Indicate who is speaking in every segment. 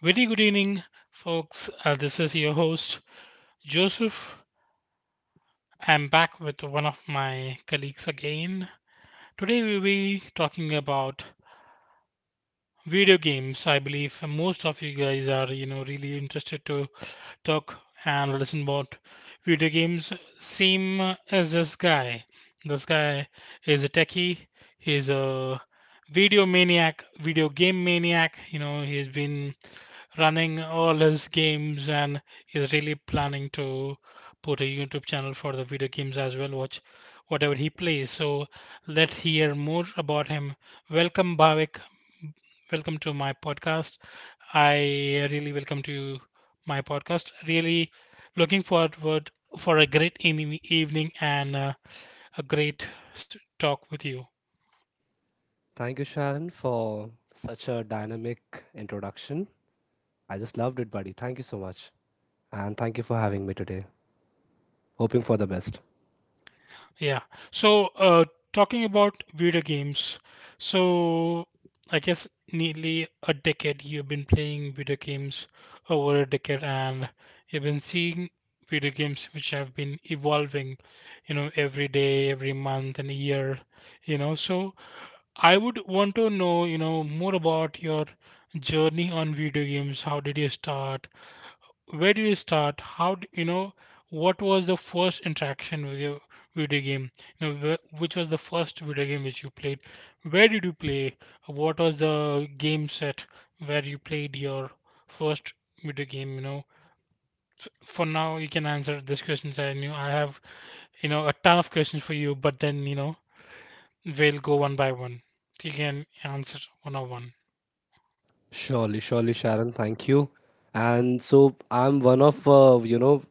Speaker 1: Very good evening, folks. This is your host, Joseph. I'm back with one of my colleagues again. Today, we'll be talking about video games. I believe most of you guys are really interested to talk and listen about video games, same as This guy is a techie. He's a video game maniac. He's been running all his games and is really planning to put a youtube channel for the video games as well, watch whatever he plays. So let's hear more about him. Welcome, Bhavik. Welcome to my podcast. I really welcome to my podcast. Really looking forward for a great evening and a great talk with you.
Speaker 2: Thank you, Sharon, for such a dynamic introduction. I just loved it, buddy. Thank you so much. And thank you for having me today. Hoping for the best.
Speaker 1: Yeah. So, talking about video games. So, I guess nearly a decade you've been playing video games, over a decade, and you've been seeing video games which have been evolving, you know, every day, every month, and year. So I would want to know, more about your journey on video games. How did you start? Where did you start? How, d- you know, What was the first interaction with your video game? Which was the first video game which you played? Where did you play? What was the game set where you played your first video game? For now you can answer these questions. I knew I have, a ton of questions for you, but then, we'll go one by one. You can answer one on one.
Speaker 2: Surely, surely, Sharon. Thank you. And so I'm one of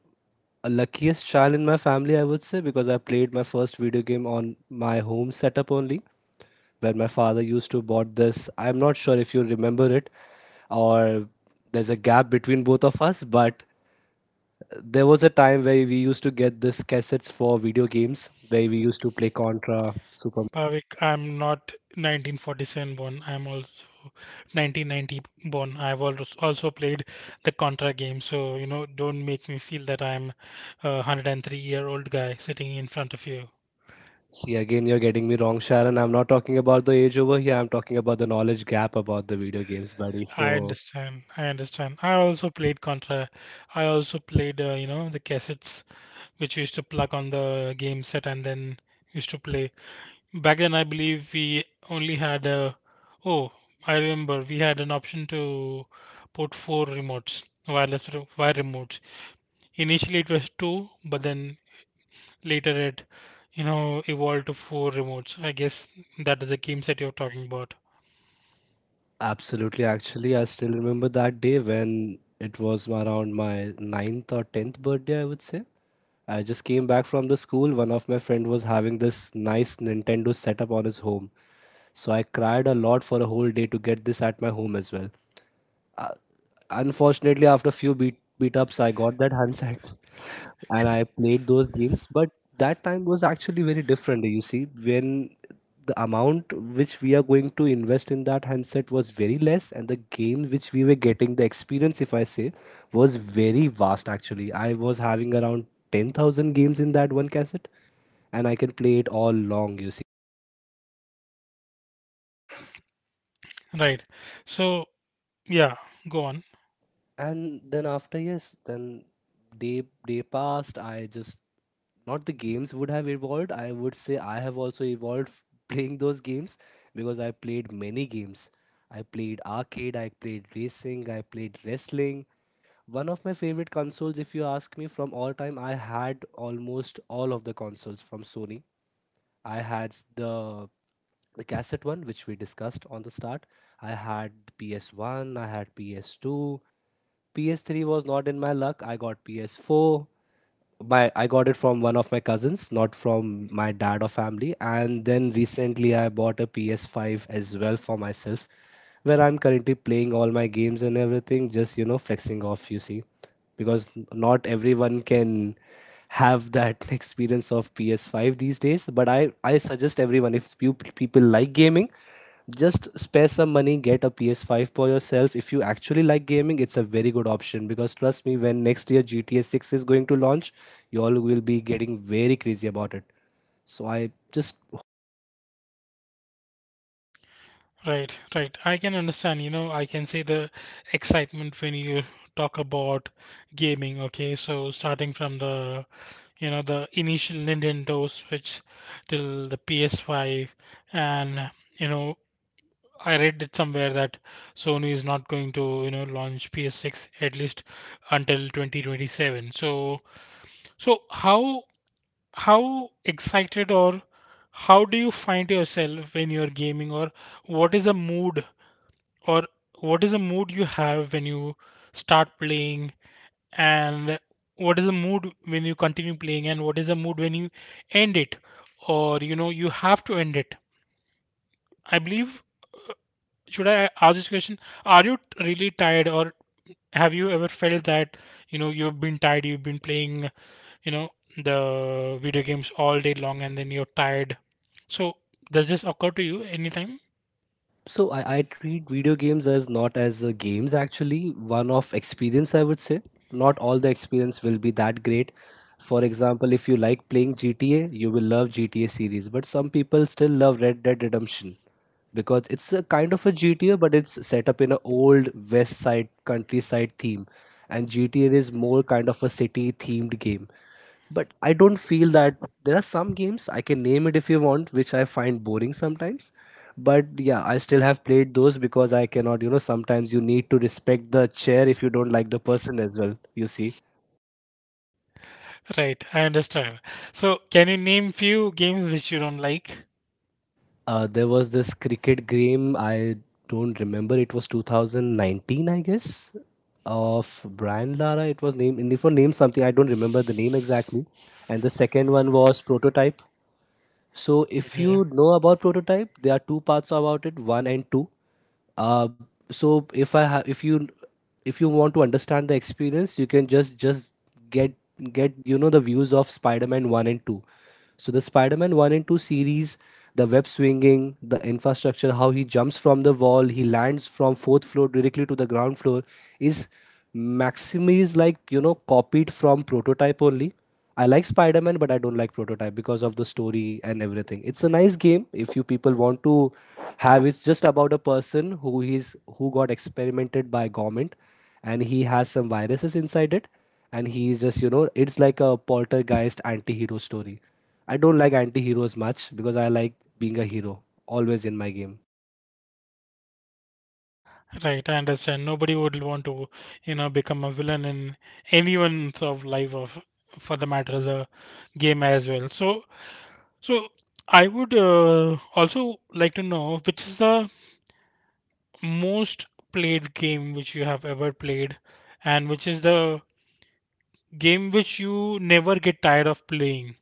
Speaker 2: a luckiest child in my family, I would say, because I played my first video game on my home setup only, where my father used to bought this. I'm not sure if you remember it, or there's a gap between both of us, but there was a time where we used to get this cassettes for video games where we used to play Contra, Super.
Speaker 1: Bhavik, I'm not 1947 born. I'm also 1990 born. I've also played the Contra game, so don't make me feel that I'm a 103 year old guy sitting in front of you.
Speaker 2: See, again, you're getting me wrong, Sharon. I'm not talking about the age over here. I'm talking about the knowledge gap about the video games, buddy.
Speaker 1: I
Speaker 2: So,
Speaker 1: understand. I understand. I also played Contra. I also played, the cassettes which used to plug on the game set and then used to play. Back then, I believe we only had a. Oh, I remember we had an option to put four remotes, wireless wire remotes. Initially, it was two, but then later it, evolved to four remotes. I guess that is the game set you're talking about.
Speaker 2: absolutely, actually, I still remember that day when it was around my ninth or tenth birthday, I would say. I just came back from the school. One of my friend was having this nice Nintendo setup on his home. So I cried a lot for a whole day to get this at my home as well. Uh, Unfortunately, after a few beat ups, I got that handset, and I played those games. But that time was actually very different. You see, when the amount which we are going to invest in that handset was very less, and the game which we were getting, the experience, if I say, was very vast. Actually, I was having around 10,000 games in that one cassette, and I can play it all long. You see.
Speaker 1: Right. So, yeah, go on.
Speaker 2: And then, after yes then day day passed. I just, not the games would have evolved, I would say, I have also evolved. Playing those games, because I played many games. I played arcade, I played racing, I played wrestling. One of my favorite consoles, if you ask me, from all time, I had almost all of the consoles from Sony. I had the cassette one which we discussed on the start. I had PS1, I had PS2. PS3 was not in my luck. I got PS4. My I got it from one of my cousins, not from my dad or family. And then recently I bought a PS5 as well for myself, where I'm currently playing all my games and everything, just flexing off, you see. Because not everyone can have that experience of PS5 these days. But I suggest everyone, if you people like gaming, just spare some money, get a PS5 for yourself. If you actually like gaming, it's a very good option, because trust me, when next year gta 6 is going to launch, you all will be getting very crazy about it. So I just.
Speaker 1: Right, right. I can understand, I can see the excitement when you talk about gaming, okay? So starting from the you know the initial Nintendo Switch till the PS5, and you know I read it somewhere that Sony is not going to launch PS6 at least until 2027. So, how, excited, or how do you find yourself when you're gaming? Or what is a mood, or you have when you start playing? And what is the mood when you continue playing? And what is the mood when you end it? Or you have to end it, I believe. uh, should I ask this question? Are you really tired? Or have you ever felt that you've been tired, you've been playing, you know the video games all day long, and then you're tired? So does this occur to you anytime?
Speaker 2: So I treat video games as not as games, actually, one of experience, I would say. Not all the experience will be that great. For example, if you like playing GTA, you will love GTA series, but some people still love Red Dead Redemption, because it's a kind of a GTA, but it's set up in an old west side countryside theme, and GTA is more kind of a city themed game. But I don't feel that. There are some games I can name it if you want, which I find boring sometimes. But yeah, I still have played those, because I cannot, sometimes you need to respect the chair if you don't like the person as well, you see.
Speaker 1: Right, I understand. So can you name few games which you don't like?
Speaker 2: There was this cricket game, I don't remember, it was 2019, I guess, of Brian Lara. It was named, if I name something, I don't remember the name exactly. And the second one was Prototype. So if
Speaker 1: Okay.
Speaker 2: you know about prototype, there are two parts about it, one and two. Uh, so if I have, if you want to understand the experience, you can just get get the views of Spider-Man one and two. So the Spider-Man 1 and 2 series, the web swinging, the infrastructure, how he jumps from the wall, he lands from fourth floor directly to the ground floor is is like, copied from prototype only. I like Spider Man, but I don't like Prototype because of the story and everything. It's a nice game if you people want to have. It's just about a person who got experimented by government, and he has some viruses inside it, and he is just it's like a poltergeist anti-hero story. I don't like anti-heroes much because I like being a hero always in my game.
Speaker 1: Right, I understand. Nobody would want to, become a villain in anyone's of life, of for the matter as a game as well. So, so I would also like to know which is the most played game which you have ever played, and which is the game which you never get tired of playing.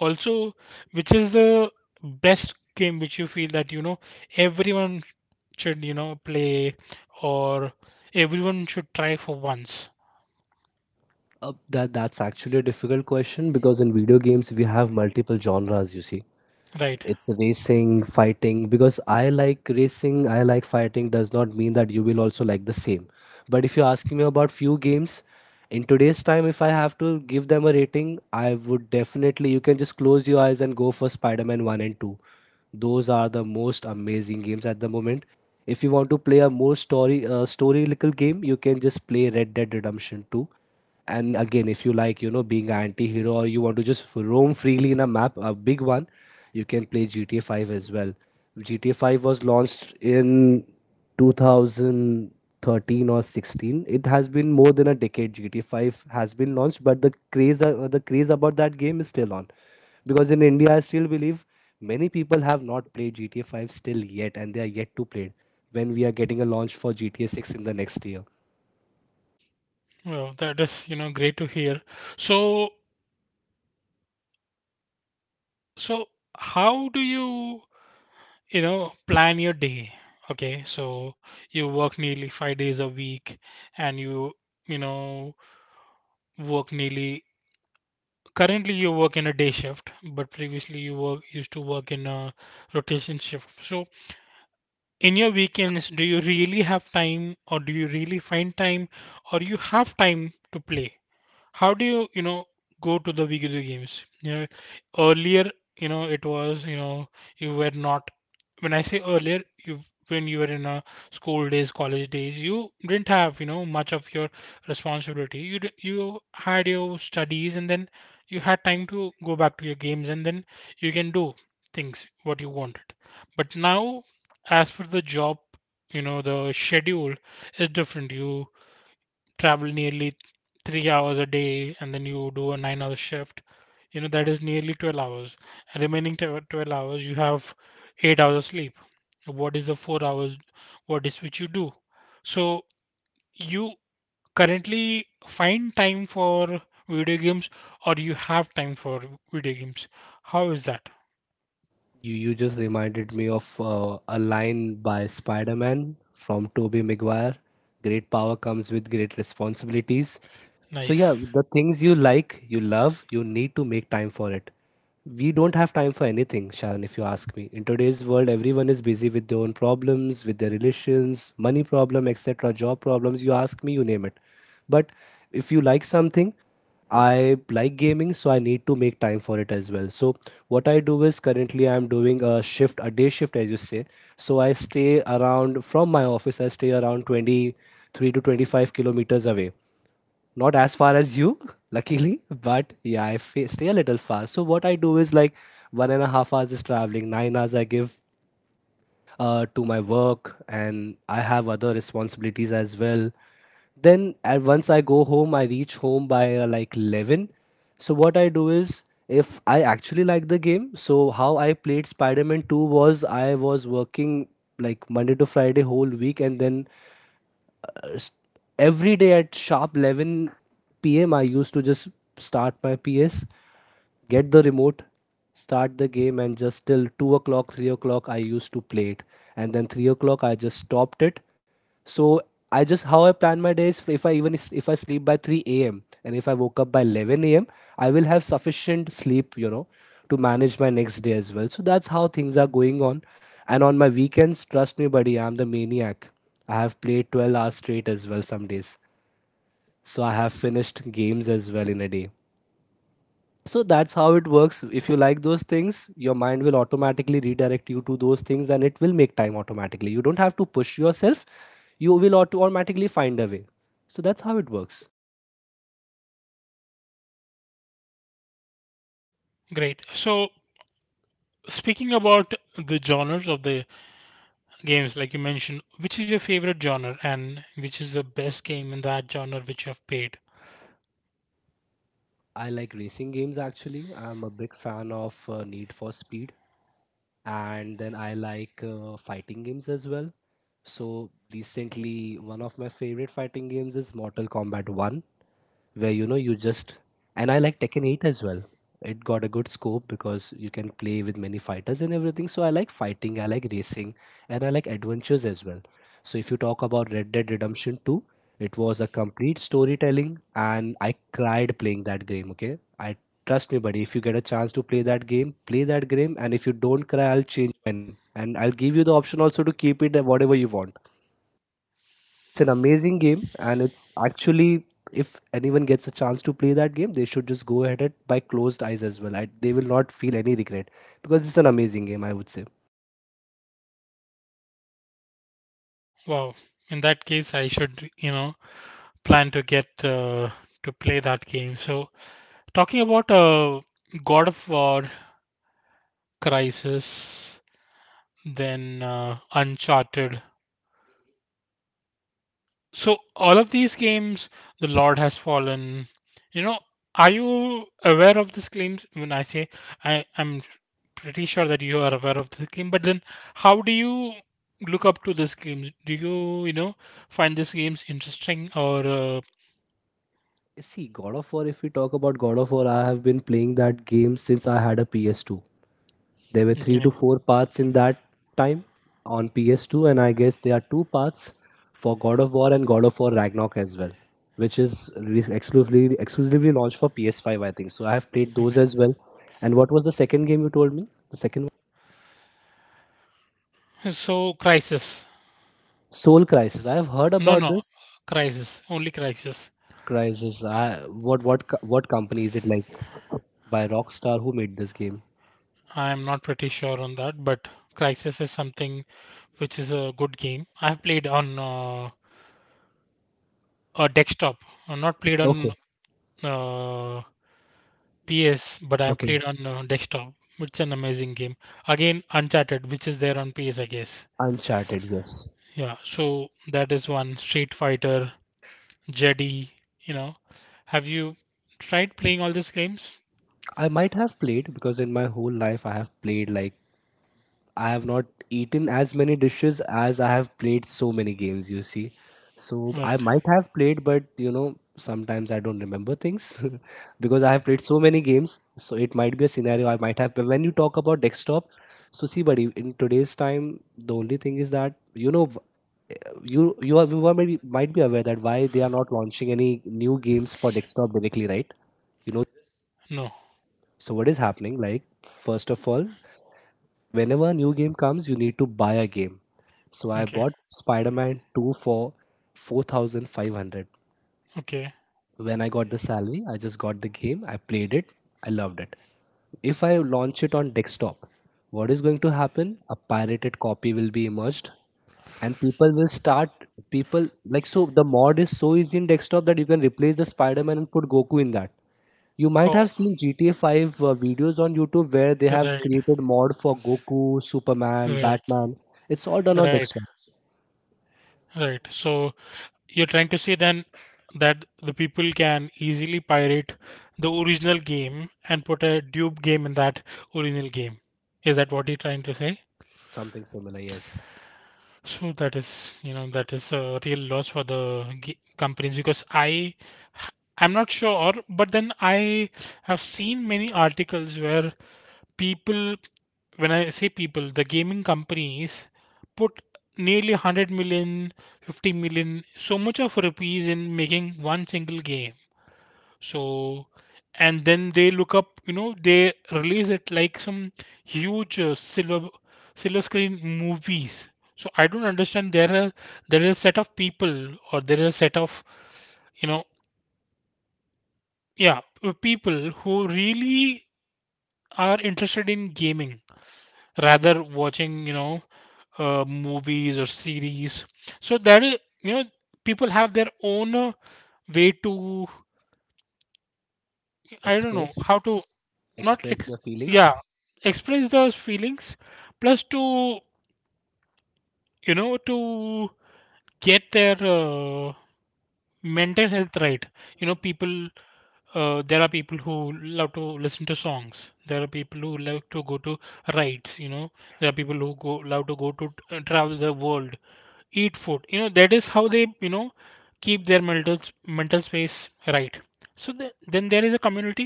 Speaker 1: Also, which is the best game which you feel that everyone should play, or everyone should try for once,
Speaker 2: That's actually a difficult question, because in video games we have multiple genres. You see,
Speaker 1: right?
Speaker 2: it's racing, fighting. Because I like racing, I like fighting does not mean that you will also like the same. But if you're asking me about few games in today's time, if I have to give them a rating, I would definitely. You can just close your eyes and go for spider-man 1 and 2. Those are the most amazing games at the moment. If you want to play a more story little game, you can just play red dead redemption 2. And again, if you like, being an anti-hero, or you want to just roam freely in a map, a big one, you can play gta 5 as well. Gta 5 was launched in 2013 or 16. It has been more than a decade gta 5 has been launched, but the craze about that game is still on, because in india I still believe many people have not played gta 5 still yet, and they are yet to play it, when we are getting a launch for gta 6 in the next year.
Speaker 1: Well, that is great to hear. So, so how do you you know plan your day? Okay, so you work nearly 5 days a week, and you know work nearly. Currently, you work in a day shift, but previously you work used to work in a rotation shift. So in your weekends, do you really have time? Or do you really find time? Or you have time to play? How do you you know go to the video games? Earlier, it was, you were not, when I say earlier, you when you were in a school days, college days, you didn't have, much of your responsibility. You had your studies, and then you had time to go back to your games, and then you can do things what you wanted. But now, as for the job, the schedule is different. You travel nearly 3 hours a day, and then you do a 9 hour shift, that is nearly 12 hours. Remaining 12 hours, you have 8 hours of sleep. What is the 4 hours? What is which you do? So you currently find time for video games, or you have time for video games? How is that?
Speaker 2: You just reminded me of a line by Spider-Man from Tobey Maguire. Great power comes with great responsibilities. So yeah,
Speaker 1: Nice.
Speaker 2: the things you like, you love, you need to make time for it. We don't have time for anything, Sharon, if you ask me. In today's world, everyone is busy with their own problems, with their relations, money problem, etc., job problems, you ask me, you name it. But if you like something, I like gaming, so I need to make time for it as well. So what I do is, currently I'm doing a shift, a day shift, as you say. So I stay around from my office. I stay around 23 to 25 kilometers away, not as far as you luckily, but yeah, I stay a little far. So what I do is like, 1.5 hours is traveling, 9 hours I give to my work, and I have other responsibilities as well. Then at once I go home, I reach home by like 11. So what I do is, if I actually like the game, so how I played spider-man 2 was, I was working like monday to friday whole week, and then every day at sharp 11 p.m. I used to just start my PS, get the remote, start the game, and just till 2 o'clock, 3 o'clock, I used to play it. And then 3 o'clock, I just stopped it. So I just, how I plan my days. If I sleep by 3 a.m., and if I woke up by 11 a.m., I will have sufficient sleep, to manage my next day as well. So that's how things are going on. And on my weekends, trust me, buddy, I'm the maniac. I have played 12 hours straight as well some days. So I have finished games as well in a day. So that's how it works. If you like those things, your mind will automatically redirect you to those things, and it will make time automatically. You don't have to push yourself, you will automatically find a way. So that's how it works.
Speaker 1: Great. So speaking about the genres of the games like you mentioned, which is your favorite genre, and which is the best game in that genre which you have played?
Speaker 2: I like racing games actually. I'm a big fan of Need for Speed, and then I like fighting games as well. So recently, one of my favorite fighting games is Mortal Kombat 1, where you know you just and I like Tekken 8 as well. It got a good scope because you can play with many fighters and everything. So I like fighting, I like racing, and I like adventures as well. So if you talk about Red Dead Redemption 2, it was a complete storytelling, and I cried playing that game, okay? I Trust me, buddy, if you get a chance to play that game, play that game, and if you don't cry, I'll change my name. And I'll give you the option also to keep it, whatever you want. It's an amazing game, and it's actually, if anyone gets a chance to play that game, they should just go ahead it by closed eyes as well. They will not feel any regret because it's an amazing game, I would say.
Speaker 1: Wow. In that case, I should, plan to get, to play that game. So, talking about God of War, Crisis, then Uncharted, so all of these games, The Lord Has Fallen, you know, are you aware of these claims? When I say I'm pretty sure that you are aware of this game, but then how do you look up to this games? Do you, find these games interesting? Or
Speaker 2: See, God of War. If we talk about God of War, I have been playing that game since I had a PS2. There were three
Speaker 1: okay?
Speaker 2: to four parts in that time on PS2, and I guess there are two parts for God of War and God of War Ragnarok as well, which is exclusively launched for PS5, I think. So I have played
Speaker 1: Okay.
Speaker 2: those as well. And what was the second game you told me? The second one?
Speaker 1: So Crisis.
Speaker 2: Soul Crisis. I have heard
Speaker 1: No,
Speaker 2: about
Speaker 1: no,
Speaker 2: this
Speaker 1: Crisis. Only Crisis.
Speaker 2: Crisis. I, what co- what company is it, like? By Rockstar, who made this game?
Speaker 1: I'm not pretty sure on that, but Crisis is something which is a good game. I've played on a desktop, I not played
Speaker 2: Okay,
Speaker 1: on uh, PS, but I've
Speaker 2: okay.
Speaker 1: played on desktop. It's an amazing game. Again, Uncharted, which is there on PS, I guess.
Speaker 2: Uncharted, yes.
Speaker 1: Yeah, so that is one. Street Fighter, Jedi, you know. Have you tried playing all these games?
Speaker 2: I might have played because in my whole life I have played, like, I have not eaten as many dishes as I have played so many games, you see. So I
Speaker 1: Right.
Speaker 2: might have played, but sometimes I don't remember things because I have played so many games. So it might be a scenario I might have. But when you talk about desktop, so see, buddy, in today's time, the only thing is that, you are maybe, might be aware that why they are not launching any new games for desktop directly, right? You know,
Speaker 1: No.
Speaker 2: so what is happening? Like, first of all, whenever a new game comes, you need to buy a game. So I
Speaker 1: Okay.
Speaker 2: bought Spider Man 2 for 4500.
Speaker 1: Okay.
Speaker 2: When I got the salary, I just got the game, I played it, I loved it. If I launch it on desktop, what is going to happen? A pirated copy will be emerged and people will start, people like, so the mod is so easy in desktop that you can replace the spider-man and put goku in that. You might
Speaker 1: Oh,
Speaker 2: have seen GTA 5 videos on YouTube where they have
Speaker 1: right.
Speaker 2: created mod for Goku, Superman,
Speaker 1: Right,
Speaker 2: Batman. It's all done on
Speaker 1: right,
Speaker 2: desktop.
Speaker 1: right. So you're trying to say then that the people can easily pirate the original game and put a dupe game in that original game. Is that what you're trying to say?
Speaker 2: Something similar, yes.
Speaker 1: So that is, that is a real loss for the g companies, because I'm not sure, but then I have seen many articles where people, when I say people, the gaming companies put nearly 100 million, 50 million, so much of rupees in making one single game. So, and then they look up, they release it like some huge silver screen movies. So I don't understand. There is a set of people, or there is a set of, you know yeah, people who really are interested in gaming, rather watching, movies or series. So that is, you know people have their own way to, I don't know
Speaker 2: Express,
Speaker 1: how to, not
Speaker 2: express
Speaker 1: ex-
Speaker 2: the
Speaker 1: yeah,
Speaker 2: feelings.
Speaker 1: express those feelings. Plus to, to get their mental health right. People, there are people who love to listen to songs. There are people who love to go to rides. There are people who go love to go to, travel the world. Eat food, that is how they keep their mental space right. So then there is a community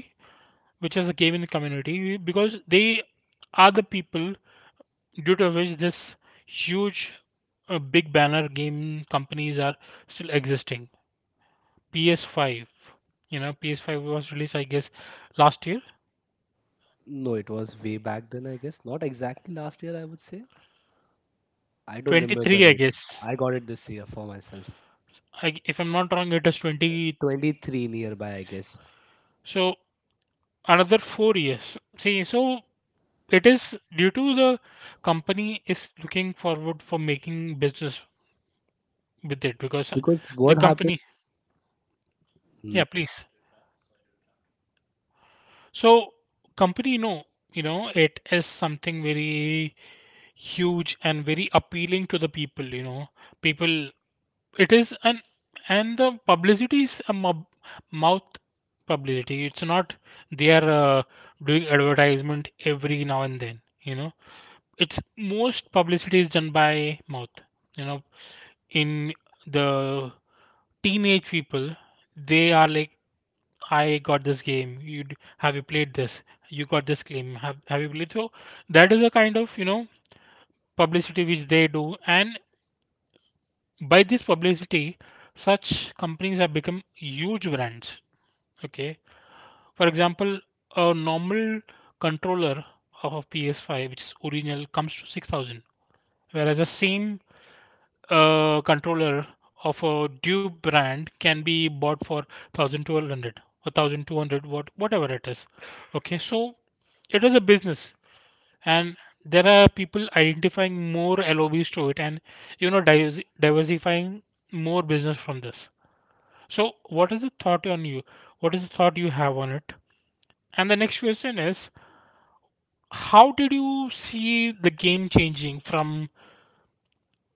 Speaker 1: which is a gaming community, because they are the people due to which this huge big banner game companies are still existing. Ps5 you know ps5 was released, I guess, last year,
Speaker 2: No, it was way back then, I guess. Not exactly last year, I would say. I don't remember
Speaker 1: 23, I
Speaker 2: it.
Speaker 1: guess.
Speaker 2: I got it this year for myself.
Speaker 1: If I'm not wrong, it is 20.
Speaker 2: 23 nearby, I guess.
Speaker 1: So another 4 years, see. So it is due to the company is looking forward for making business with it, because
Speaker 2: Because
Speaker 1: the
Speaker 2: what happened?
Speaker 1: company, yeah, please. So company, no, it is something very huge and very appealing to the people. People. It is an and the publicity is a mouth publicity. It's not they are doing advertisement every now and then. It's most publicity is done by mouth. You know, in the teenage people they are like, I got this game. Have you played this? You got this game. Have you played? So that is a kind of, publicity which they do. And by this publicity such companies have become huge brands. Okay, for example, a normal controller of a ps5 which is original comes to 6000, whereas the same, a controller of a Duke brand can be bought for 1200, or 1200, whatever it is. Okay, so it is a business. And there are people identifying more LOBs to it and, you know, diversifying more business from this. So what is the thought you have on it? And the next question is, how did you see the game changing from,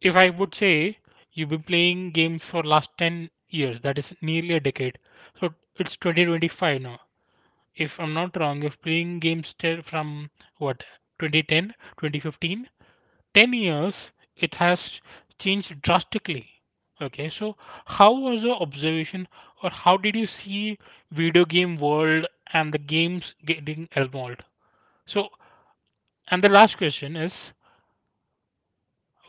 Speaker 1: if I would say, you've been playing games for last 10 years, that is nearly a decade. So it's 2025 now. If I'm not wrong, you're playing games till from what, 2010, 10 2015? 10 years, it has changed drastically. Okay, so how was your observation, or how did you see video game world and the games getting evolved? So, and the last question is,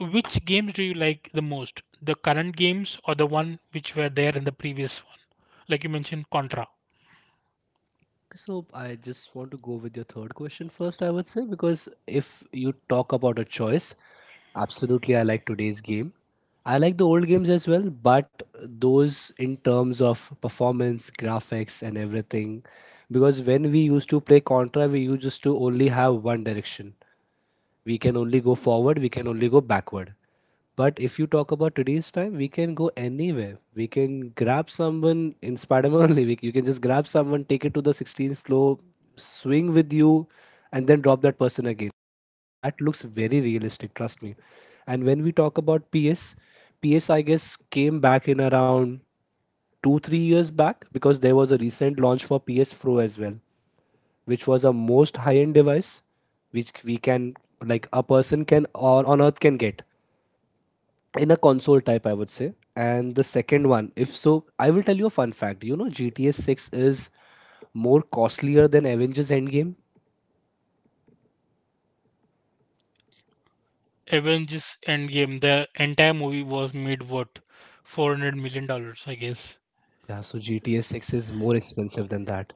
Speaker 1: which games do you like the most? The current games or the one which were there in the previous one? Like you mentioned, Contra,
Speaker 2: So I just want to go with your third question first, I would say, because if you talk about a choice, absolutely I like today's game. I like the old games as well, but those in terms of performance, graphics, and everything. Because when we used to play Contra, we used to only have one direction, we can only go forward, we can only go backward. But if you talk about today's time, we can go anywhere. We can grab someone in spider-man only, you can just grab someone, take it to the 16th floor, swing with you and then drop that person again, and that looks very realistic, trust me. And when we talk about ps, I guess came back in around 2 3 years back, because there was a recent launch for ps pro as well, which was a most high-end device, which we can, like, a person can or on Earth can get in a console type, I would say. And the second one, if so, I will tell you a fun fact. GTA 6 is more costlier than Avengers Endgame.
Speaker 1: Avengers Endgame. The entire movie was made what, $400 million, I guess.
Speaker 2: Yeah, so GTA 6 is more expensive than that.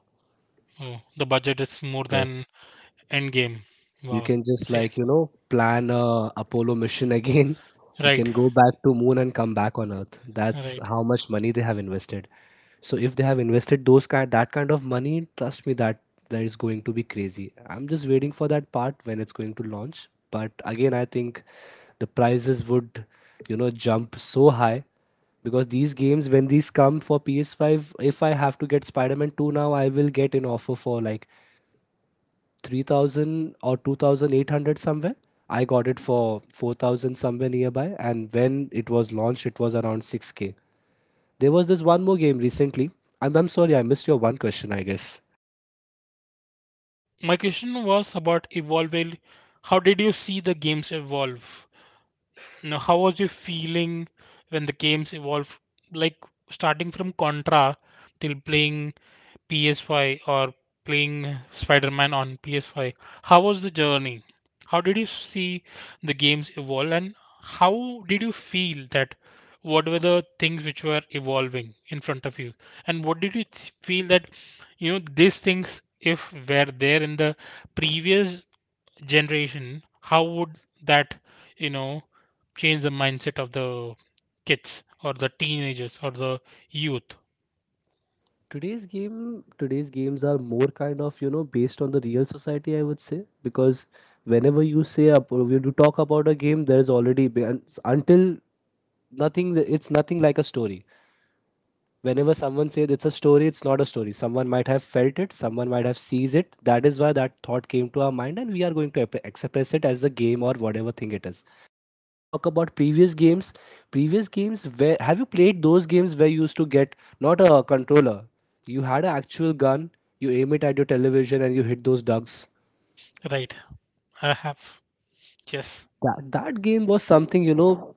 Speaker 1: Oh, the budget is more than
Speaker 2: Yes.
Speaker 1: Endgame.
Speaker 2: You
Speaker 1: Wow.
Speaker 2: can just,
Speaker 1: See,
Speaker 2: like, plan a apollo mission again you
Speaker 1: right,
Speaker 2: can go back to moon and come back on earth. That's
Speaker 1: right.
Speaker 2: how much money they have invested. So if they have invested those kind that kind of money, trust me that is going to be crazy. I'm just waiting for that part when it's going to launch, but again, I think the prices would, jump so high, because these games, when these come for PS5, if I have to get spider-man 2 now, I will get an offer for like 3000 or 2800 somewhere. I got it for 4000 somewhere nearby, and when it was launched it was around 6K. There was this one more game recently. I'm sorry I missed your one question, I guess.
Speaker 1: My question was about evolving. How did you see the games evolve? Now, how was your feeling when the games evolved, like starting from Contra till playing PS5 or playing Spider-Man on PS5? How was the journey? How did you see the games evolve, and how did you feel that what were the things which were evolving in front of you, and what did you feel that, you know, these things if were there in the previous generation, how would that, you know, change the mindset of the kids or the teenagers or the youth?
Speaker 2: Today's games are more kind of, based on the real society, I would say. Because whenever you say up or you do talk about a game, there's already and until nothing. It's nothing like a story. Whenever someone says it's a story, it's not a story. Someone might have felt it, someone might have sees it. That is why that thought came to our mind and we are going to express it as a game or whatever thing it is. If you talk about previous games where have you played those games, where you used to get not a controller, you had an actual gun. You aim it at your television and you hit those ducks.
Speaker 1: Right. I have. Yes.
Speaker 2: That game was something,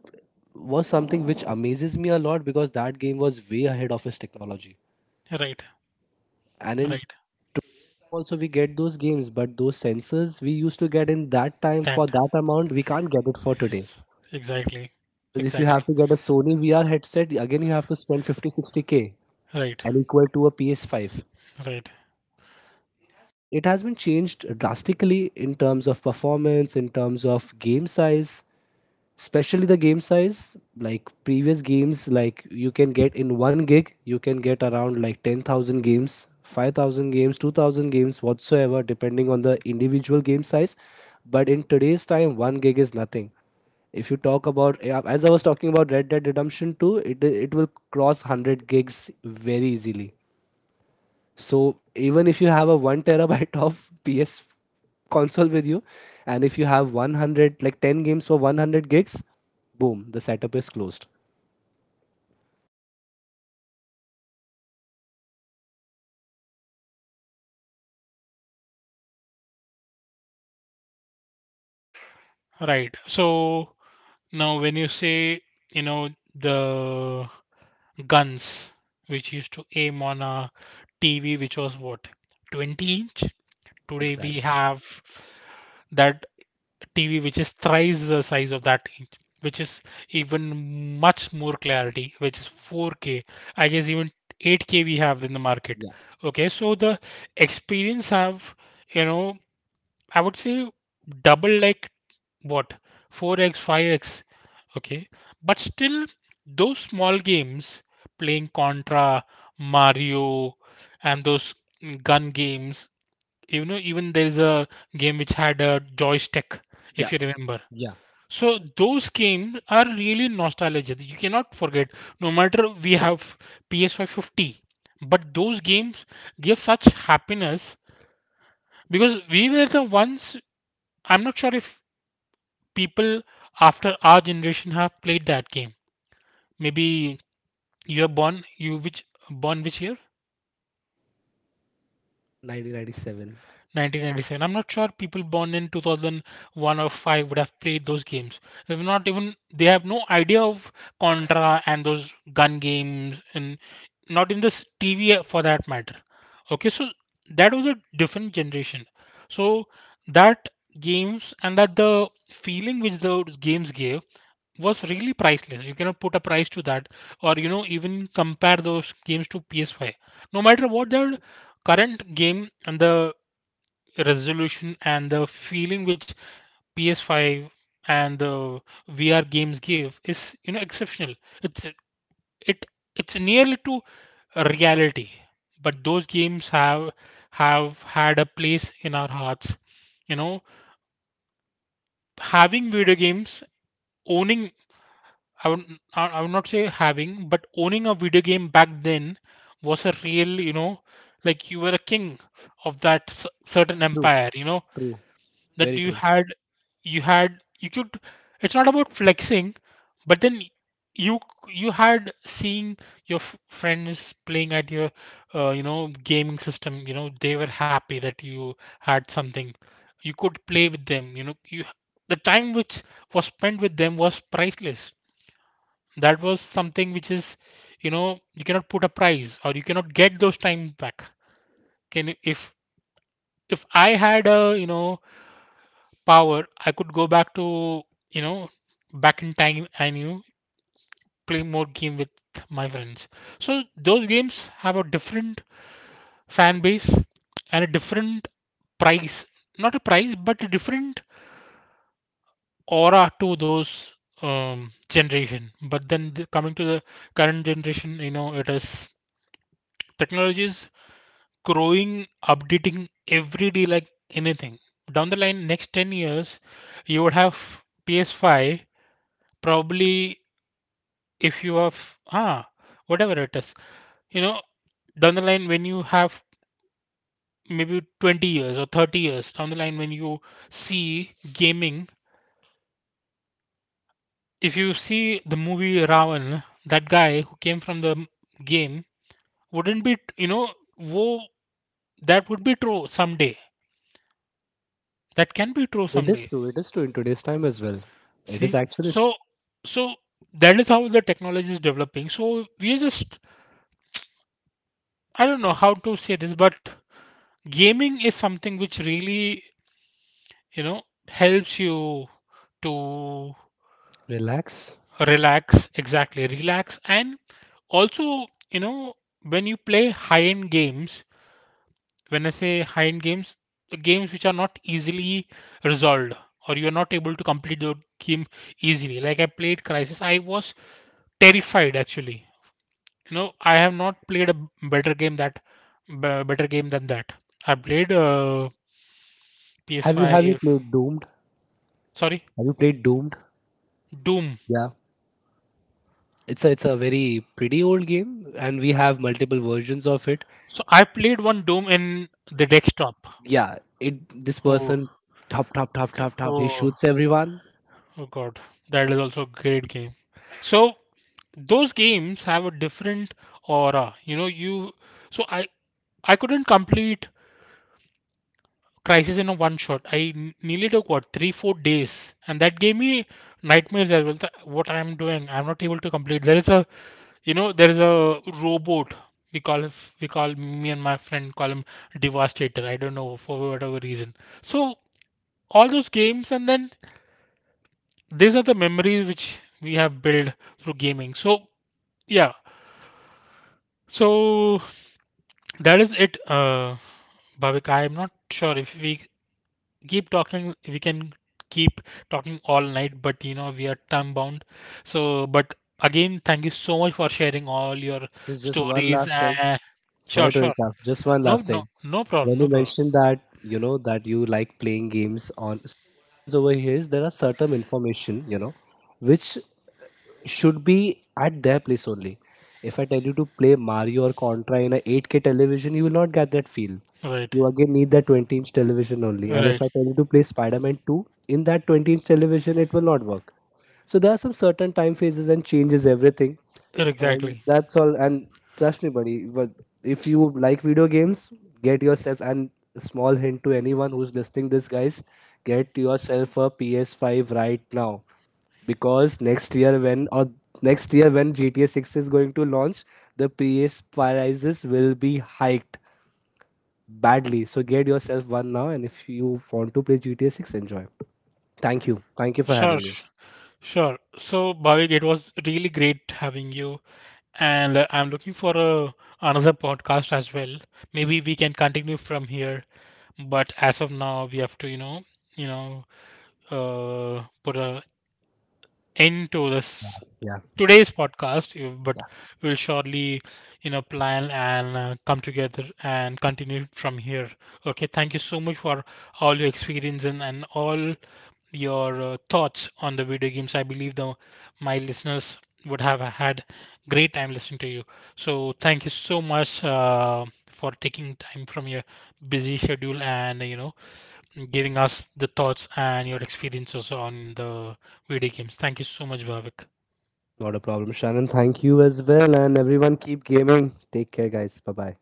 Speaker 2: was something which amazes me a lot because that game was way ahead of its technology.
Speaker 1: Right.
Speaker 2: And in
Speaker 1: Right.
Speaker 2: time also we get those games, but those sensors we used to get in that time for
Speaker 1: That
Speaker 2: that amount, we can't get it for today.
Speaker 1: is exactly.
Speaker 2: Because if you
Speaker 1: Exactly.
Speaker 2: have to get a Sony VR headset, again you have to spend 50-60 k
Speaker 1: Right.
Speaker 2: and equal to a PS5.
Speaker 1: Right.
Speaker 2: It has been changed drastically in terms of performance, in terms of game size. Especially the game size, like previous games, like you can get in 1 gig you can get around like 10,000 games, 5000 games, 2000 games, whatsoever depending on the individual game size. But in today's time 1 gig is nothing. If you talk about, yeah, as I was talking about red dead redemption 2, it will cross 100 gigs very easily. So even if you have a 1 terabyte of ps console with you, and if you have 100, like 10 games for 100 gigs, boom, the setup is closed.
Speaker 1: Right. So now when you say, you know, the guns which used to aim on a TV which was what, 20 inch? Today we
Speaker 2: Exactly.
Speaker 1: have that TV which is thrice the size of that, which is even much more clarity, which is 4K. I guess even 8K we have in the market.
Speaker 2: Yeah,
Speaker 1: Okay, so the experience have, you know, I would say double, like what, 4x, 5x. Okay, but still, those small games, playing Contra, Mario, and those gun games. You know, even there is a game which had a joystick,
Speaker 2: yeah,
Speaker 1: if you remember.
Speaker 2: yeah.
Speaker 1: So those games are really nostalgic. You cannot forget. No matter we have ps 550, but those games give such happiness because we were the ones. I'm not sure if people after our generation have played that game. Maybe you're born. You which born which year?
Speaker 2: 1997.
Speaker 1: 1997. I'm not sure people born in 2001 or 5 would have played those games. If not even, they have no idea of Contra and those gun games, and not in this TV for that matter. Okay, so that was a different generation. So that games and that the feeling which those games gave was really priceless. You cannot put a price to that, or, you know, even compare those games to PS5. No matter what their current game and the resolution and the feeling which PS5 and the VR games give is, you know, exceptional. It's it it's nearly to reality. But those games have had a place in our hearts. You know, having video games, owning, I would, I would not say having, but owning a video game back then was a real, you know, like you were a king of that certain
Speaker 2: True,
Speaker 1: empire. You know,
Speaker 2: true,
Speaker 1: that
Speaker 2: very
Speaker 1: you
Speaker 2: true.
Speaker 1: had, you could, it's not about flexing, but then, you you had seeing your friends playing at your you know, gaming system. You know, they were happy that you had something you could play with them. You know, you, the time which was spent with them was priceless. That was something which is, you know, you cannot put a price or you cannot get those time back. If, I had a, you know, power, I could go back to, you know, back in time, and, you know, play more game with my friends. So those games have a different fan base and a different price, not a price, but a different aura to those generation. But then the, coming to the current generation, you know, it is, technology is growing, updating every day like anything. Down the line, next 10 years, you would have PS5 probably if you have, ah whatever it is, you know, down the line when you have maybe 20 years or 30 years down the line when you see gaming, if you see the movie ravan, that guy who came from the game wouldn't be, you know, wo that would be true someday, that can be true
Speaker 2: It is
Speaker 1: someday.
Speaker 2: true, it is true in today's time as well. It
Speaker 1: See,
Speaker 2: is actually
Speaker 1: so so that is how the technology is developing. So we are just, I don't know how to say this, but gaming is something which really, you know, helps you to
Speaker 2: relax.
Speaker 1: relax. Exactly, relax. And also, you know, when you play high end games, when I say high end games, the games which are not easily resolved, or you are not able to complete the game easily, like I played crisis, I was terrified, actually. You know, I have not played a better game that better game than that. I played
Speaker 2: Have you
Speaker 1: ps5,
Speaker 2: played doomed?
Speaker 1: sorry,
Speaker 2: Have you played doomed?
Speaker 1: doom.
Speaker 2: Yeah. It's a very pretty old game and we have multiple versions of it.
Speaker 1: So I played one Doom in the desktop.
Speaker 2: Yeah. it This
Speaker 1: Oh,
Speaker 2: person, top top top
Speaker 1: okay.
Speaker 2: top top, he
Speaker 1: Oh,
Speaker 2: shoots everyone.
Speaker 1: oh God, that is also a great game. So those games have a different aura. You know, you. So I couldn't complete Crisis in a one shot. I nearly took what, 3-4 days, and that gave me nightmares as well. That what I am doing, I'm not able to complete. There is a, you know, there is a robot. We call it, we call, me and my friend call him Devastator. I don't know for whatever reason. So all those games, and then these are the memories which we have built through gaming. So yeah, so that is it, Bhavik, I am not sure if we keep talking, we can keep talking all night, but, you know, we are time bound. So, but again, thank you so much for sharing all your
Speaker 2: Just one
Speaker 1: stories,
Speaker 2: last thing.
Speaker 1: and sure,
Speaker 2: Sorry to
Speaker 1: sure,
Speaker 2: interrupt. Just one
Speaker 1: no,
Speaker 2: last
Speaker 1: no,
Speaker 2: thing.
Speaker 1: no
Speaker 2: When
Speaker 1: problem,
Speaker 2: you
Speaker 1: no problem,
Speaker 2: mentioned that, that you like playing games on, so what happens over here is there are certain information, which should be at their place only. If I tell you to play Mario or Contra in a 8K television, you will not get that feel.
Speaker 1: right,
Speaker 2: You again need that 20-inch television only. And
Speaker 1: right,
Speaker 2: if I tell you to play Spider Man 2 in that 20-inch television, it will not work. So there are some certain time phases and changes everything, and
Speaker 1: exactly,
Speaker 2: that's all. And trust me buddy, but if you like video games, get yourself, and a small hint to anyone who's listening this guys, get yourself a PS5 right now, because next year when gta 6 is going to launch, the ps prices will be hiked badly. So get yourself one now, and if you want to play gta 6, enjoy. Thank you, thank you for
Speaker 1: sure,
Speaker 2: having me.
Speaker 1: sure. So, Bhavik, it was really great having you, and I'm looking for a, another podcast as well. Maybe we can continue from here, but as of now, we have to, you know, put a end to this
Speaker 2: Yeah.
Speaker 1: today's podcast, but we'll surely, you know, plan and come together and continue from here. Okay, thank you so much for all your experience and all your thoughts on the video games. I believe the my listeners would have had great time listening to you. So thank you so much for taking time from your busy schedule and, you know, giving us the thoughts and your experiences on the video games. Thank you so much, Bhavik.
Speaker 2: Not a problem, Shannon. Thank you as well. And everyone, keep gaming. Take care, guys. Bye bye.